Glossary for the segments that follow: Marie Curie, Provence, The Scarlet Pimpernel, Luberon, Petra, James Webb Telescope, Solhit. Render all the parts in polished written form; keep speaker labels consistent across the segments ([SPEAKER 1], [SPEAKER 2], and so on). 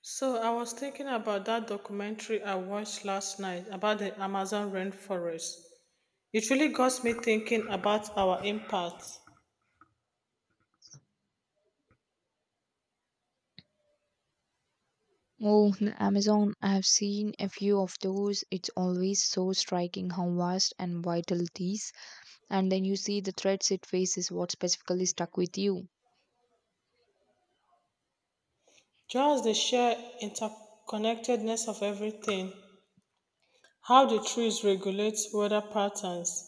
[SPEAKER 1] So I was thinking about that documentary I watched last night about the Amazon rainforest. It really got me thinking about our impact.
[SPEAKER 2] Oh, the Amazon, I have seen a few of those. It's always so striking how vast and vital it is. And then you see the threats it faces, what specifically stuck with you.
[SPEAKER 1] Just the sheer interconnectedness of everything, how the trees regulate weather patterns,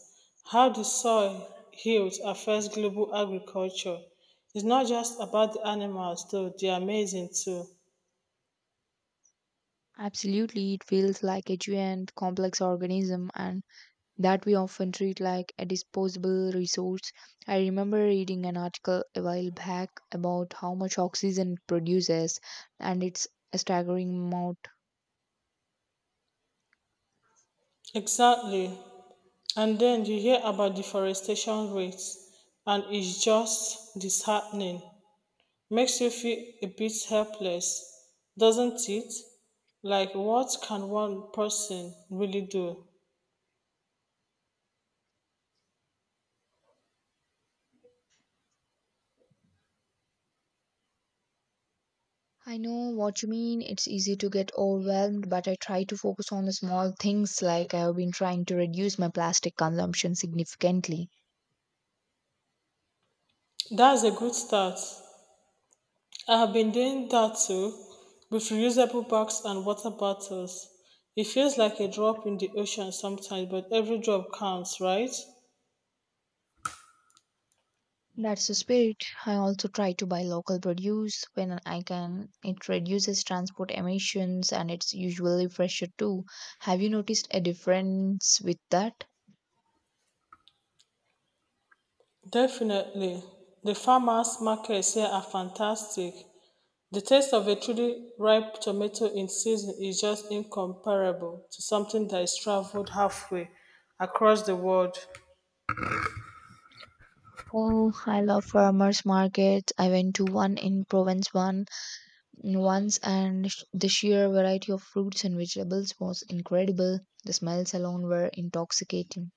[SPEAKER 1] how the soil heals affects global agriculture. It's not just about the animals though, they're amazing too.
[SPEAKER 2] Absolutely, it feels like a giant, complex organism, and that we often treat like a disposable resource. I remember reading an article a while back about how much oxygen it produces, and it's a staggering amount.
[SPEAKER 1] Exactly. And then you hear about deforestation rates, and it's just disheartening. Makes you feel a bit helpless, doesn't it? Like, what can one person really do?
[SPEAKER 2] I know what you mean. It's easy to get overwhelmed, but I try to focus on the small things, like I have been trying to reduce my plastic consumption significantly.
[SPEAKER 1] That's a good start. I have been doing that too, with reusable bags and water bottles. It feels like a drop in the ocean sometimes, but every drop counts, right?
[SPEAKER 2] That's the spirit. I also try to buy local produce when I can. It reduces transport emissions and it's usually fresher too. Have you noticed a difference with that?
[SPEAKER 1] Definitely. The farmers' markets here are fantastic. The taste of a truly ripe tomato in season is just incomparable to something that is traveled halfway across the world.
[SPEAKER 2] Oh, I love farmers markets. I went to one in Provence one once, and the sheer variety of fruits and vegetables was incredible. The smells alone were intoxicating.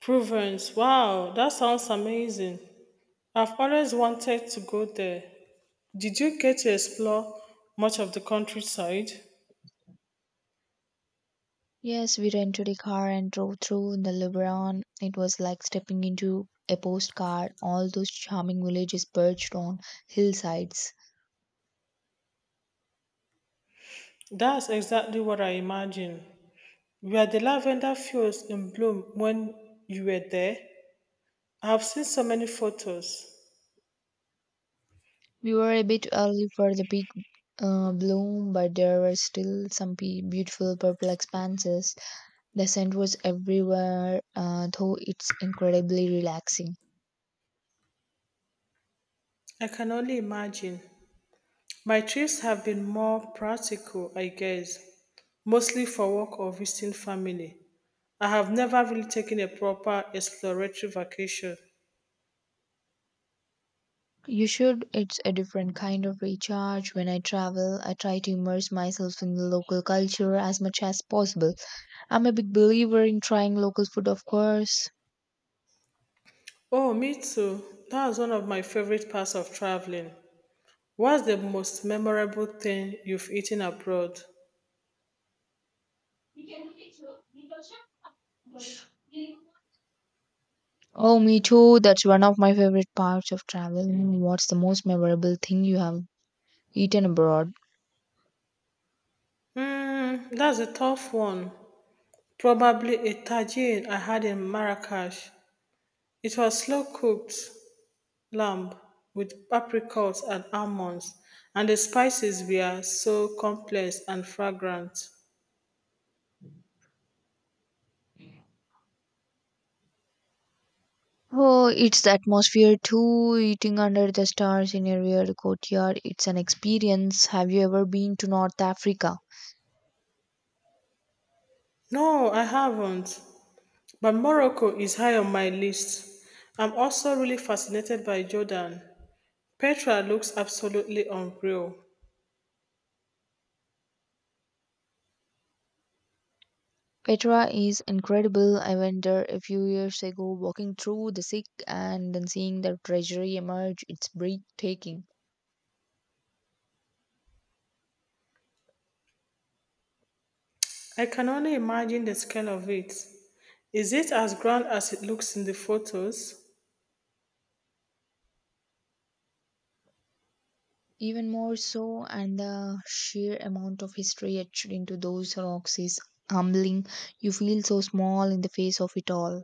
[SPEAKER 1] Provence. Wow, that sounds amazing. I've always wanted to go there. Did you get to explore much of the countryside?
[SPEAKER 2] Yes, we rented a car and drove through in the Luberon. It was like stepping into a postcard. All those charming villages perched on hillsides.
[SPEAKER 1] That's exactly what I imagine. Were the lavender fields in bloom when you were there? I have seen so many photos.
[SPEAKER 2] We were a bit early for the big bloom, but there were still some beautiful purple expanses. The scent was everywhere, though it's incredibly relaxing.
[SPEAKER 1] I can only imagine. My trips have been more practical, I guess, mostly for work or visiting family. I have never really taken a proper exploratory vacation.
[SPEAKER 2] You should. It's a different kind of recharge. When I travel, I try to immerse myself in the local culture as much as possible. I'm a big believer in trying local food, of course.
[SPEAKER 1] Oh, me too. That was one of my favorite parts of traveling. What's the most memorable thing you've eaten abroad?
[SPEAKER 2] Oh, me too. That's one of my favorite parts of traveling. What's the most memorable thing you have eaten abroad?
[SPEAKER 1] Hmm, that's a tough one. Probably a tagine I had in Marrakesh. It was slow cooked, lamb with apricots and almonds and the spices were so complex and fragrant.
[SPEAKER 2] Oh, it's the atmosphere too. Eating under the stars in a real courtyard. It's an experience. Have you ever been to North Africa?
[SPEAKER 1] No, I haven't. But Morocco is high on my list. I'm also really fascinated by Jordan. Petra looks absolutely unreal.
[SPEAKER 2] Petra is incredible. I went there a few years ago, walking through the sick and then seeing the treasury emerge. It's breathtaking.
[SPEAKER 1] I can only imagine the scale of it. Is it as grand as it looks in the photos?
[SPEAKER 2] Even more so, and the sheer amount of history etched into those rocks is humbling. You feel so small in the face of it all.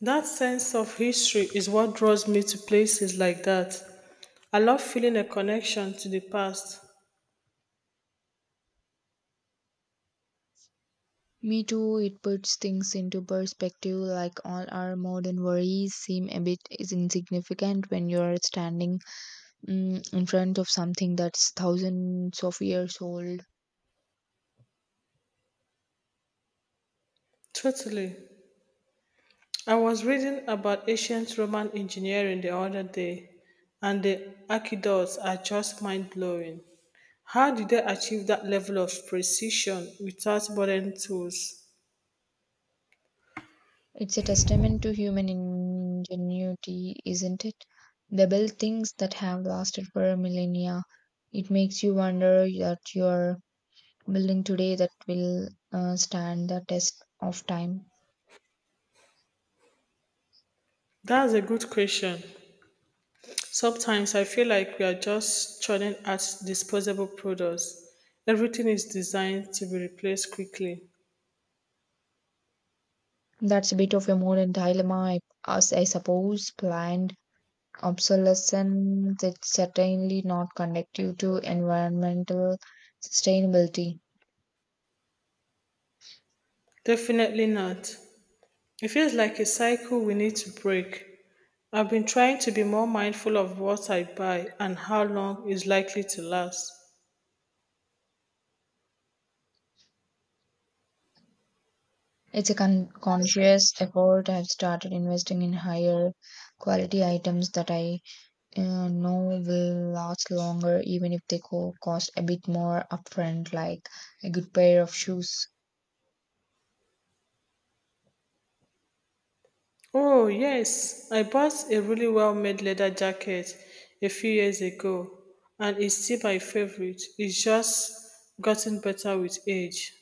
[SPEAKER 1] That sense of history is what draws me to places like that. I love feeling a connection to the past.
[SPEAKER 2] Me too, it puts things into perspective, like all our modern worries seem a bit is insignificant when you're standing in front of something that's thousands of years old.
[SPEAKER 1] Totally. I was reading about ancient Roman engineering the other day, and the aqueducts are just mind blowing. How did they achieve that level of precision without modern tools?
[SPEAKER 2] It's a testament to human ingenuity, isn't it? They build things that have lasted for millennia. It makes you wonder that you're building today that will stand the test of time.
[SPEAKER 1] That's a good question. Sometimes I feel like we are just churning out disposable products. Everything is designed to be replaced quickly.
[SPEAKER 2] That's a bit of a modern dilemma, as I suppose. Planned obsolescence is certainly not conducive to environmental sustainability.
[SPEAKER 1] Definitely not. It feels like a cycle we need to break. I've been trying to be more mindful of what I buy and how long it's likely to last.
[SPEAKER 2] It's a conscious effort. I've started investing in higher quality items that I no will last longer even if they cost a bit more upfront, like a good pair of shoes.
[SPEAKER 1] Oh, yes, I bought a really well made leather jacket a few years ago, and it's still my favorite. It's just gotten better with age.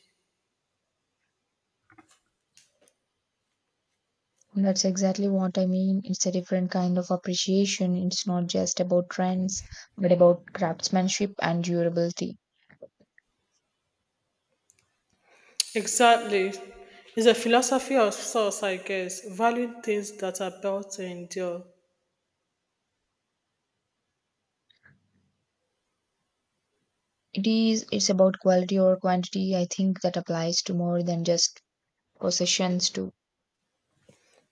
[SPEAKER 2] That's exactly what I mean. It's a different kind of appreciation. It's not just about trends but about craftsmanship and durability.
[SPEAKER 1] Exactly. It's a philosophy of sorts, I guess, valuing things that are built to endure.
[SPEAKER 2] It is. It's about quality or quantity, I think that applies to more than just possessions too.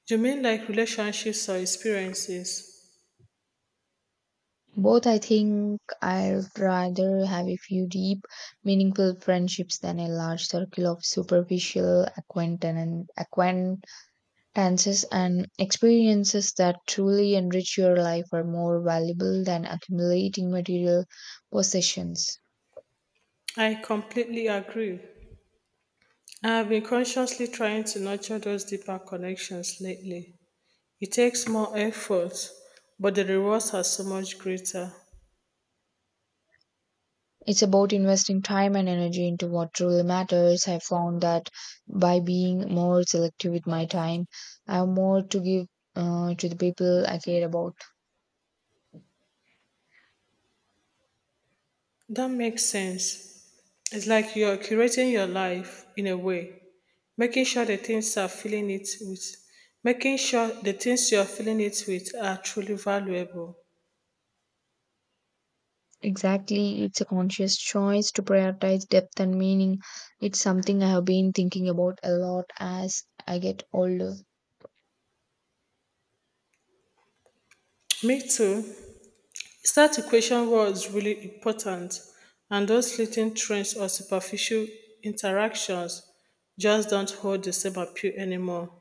[SPEAKER 1] You mean like relationships or experiences?
[SPEAKER 2] Both, I think I'd rather have a few deep, meaningful friendships than a large circle of superficial acquaintances, and experiences that truly enrich your life are more valuable than accumulating material possessions.
[SPEAKER 1] I completely agree. I've been consciously trying to nurture those deeper connections lately. It takes more effort, but the rewards are so much greater.
[SPEAKER 2] It's about investing time and energy into what truly matters. I found that by being more selective with my time, I have more to give to the people I care about.
[SPEAKER 1] That makes sense. It's like you're curating your life in a way, making sure the things are filling it with, making sure the things you're filling it with are truly valuable.
[SPEAKER 2] Exactly, it's a conscious choice to prioritize depth and meaning. It's something I have been thinking about a lot as I get older.
[SPEAKER 1] Me too. Start to question what is really important and those fleeting trends or superficial interactions just don't hold the same appeal anymore.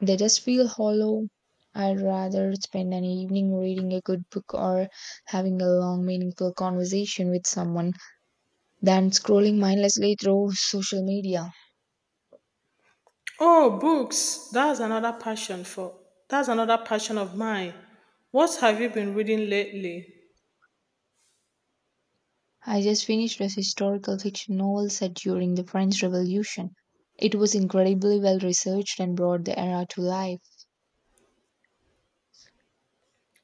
[SPEAKER 2] They just feel hollow. I'd rather spend an evening reading a good book or having a long, meaningful conversation with someone than scrolling mindlessly through social media.
[SPEAKER 1] Oh, books. That's another passion of mine. What have you been reading lately?
[SPEAKER 2] I just finished a historical fiction novel set during the French Revolution. It was incredibly well researched and brought the era to life.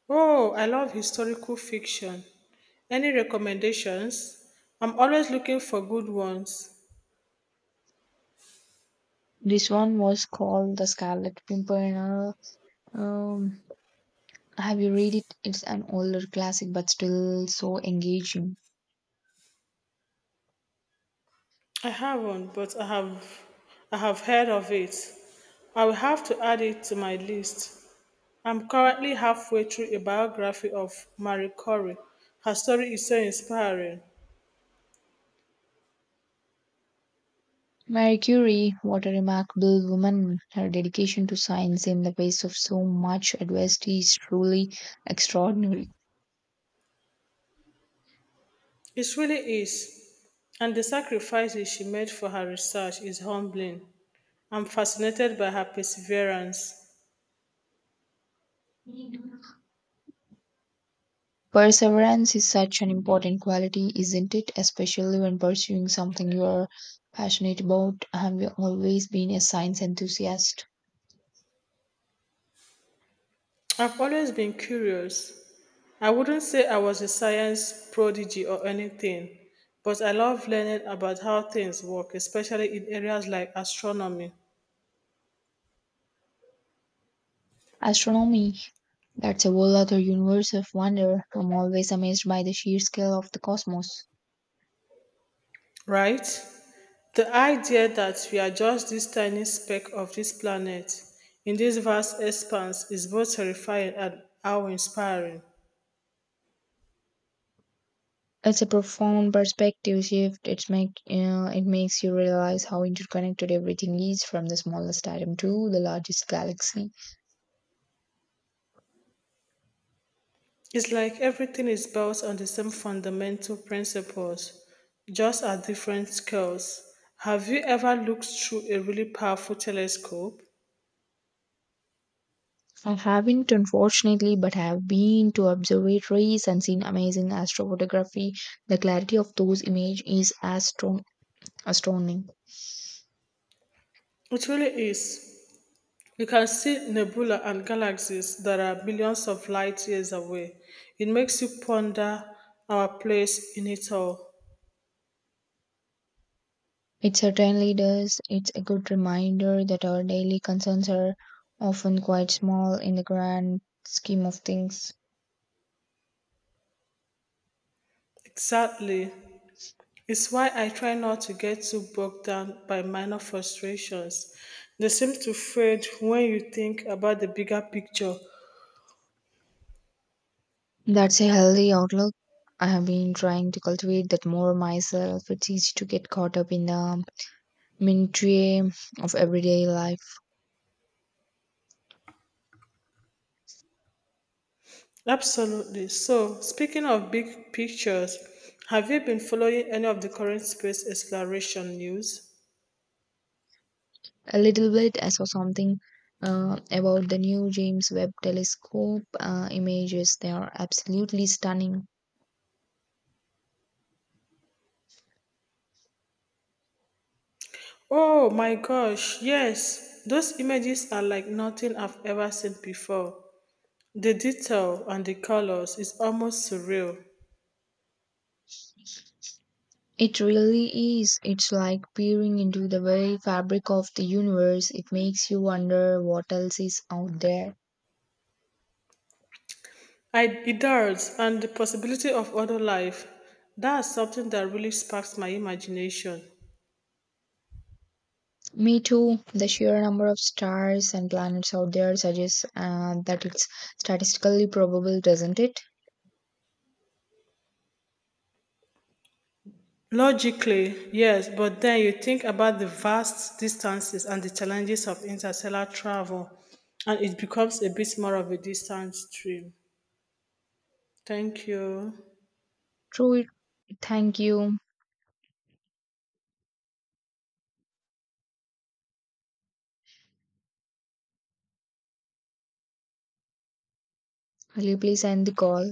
[SPEAKER 1] Oh, I love historical fiction. Any recommendations? I'm always looking for good ones.
[SPEAKER 2] This one was called The Scarlet Pimpernel. Um, have you read it? It's an older classic but still so engaging.
[SPEAKER 1] I haven't, but I have heard of it. I will have to add it to my list. I'm currently halfway through a biography of Marie Curie. Her story is so inspiring.
[SPEAKER 2] Marie Curie, what a remarkable woman. Her dedication to science in the face of so much adversity is truly extraordinary.
[SPEAKER 1] It really is. And the sacrifices she made for her research is humbling. I'm fascinated by her perseverance.
[SPEAKER 2] Perseverance is such an important quality, isn't it? Especially when pursuing something you are passionate about. Have you always been a science enthusiast?
[SPEAKER 1] I've always been curious. I wouldn't say I was a science prodigy or anything, but I love learning about how things work, especially in areas like astronomy,
[SPEAKER 2] Astronomy, that's a whole other universe of wonder. I'm always amazed by the sheer scale of the cosmos.
[SPEAKER 1] right? The idea that we are just this tiny speck of this planet in this vast expanse is both terrifying and how inspiring.
[SPEAKER 2] It's a profound perspective shift. It makes you realize how interconnected everything is, from the smallest atom to the largest galaxy.
[SPEAKER 1] It's like everything is built on the same fundamental principles, just at different scales. Have you ever looked through a really powerful telescope?
[SPEAKER 2] I haven't, unfortunately, but have been to observatories and seen amazing astrophotography. The clarity of those images is astounding.
[SPEAKER 1] It really is. You can see nebula and galaxies that are billions of light years away. It makes you ponder our place in it all.
[SPEAKER 2] It certainly does. It's a good reminder that our daily concerns are often quite small in the grand scheme of things.
[SPEAKER 1] Exactly. It's why I try not to get too bogged down by minor frustrations. They seem to fade when you think about the bigger picture.
[SPEAKER 2] That's a healthy outlook. I have been trying to cultivate that more myself. It's easy to get caught up in the minutiae of everyday life.
[SPEAKER 1] Absolutely. So, speaking of big pictures, have you been following any of the current space exploration news?
[SPEAKER 2] A little bit, I saw something about the new James Webb Telescope images. They are absolutely stunning.
[SPEAKER 1] Oh my gosh, yes. Those images are like nothing I've ever seen before. The detail and the colors is almost surreal.
[SPEAKER 2] It really is. It's like peering into the very fabric of the universe. It makes you wonder what else is out there.
[SPEAKER 1] I, it does, and the possibility of other life. That's something that really sparks my imagination.
[SPEAKER 2] Me too. The sheer number of stars and planets out there suggests that it's statistically probable, doesn't it?
[SPEAKER 1] Logically, yes, but then you think about the vast distances and the challenges of interstellar travel, and it becomes a bit more of a distant stream. Thank you.
[SPEAKER 2] True. Thank you. Will you please end the call?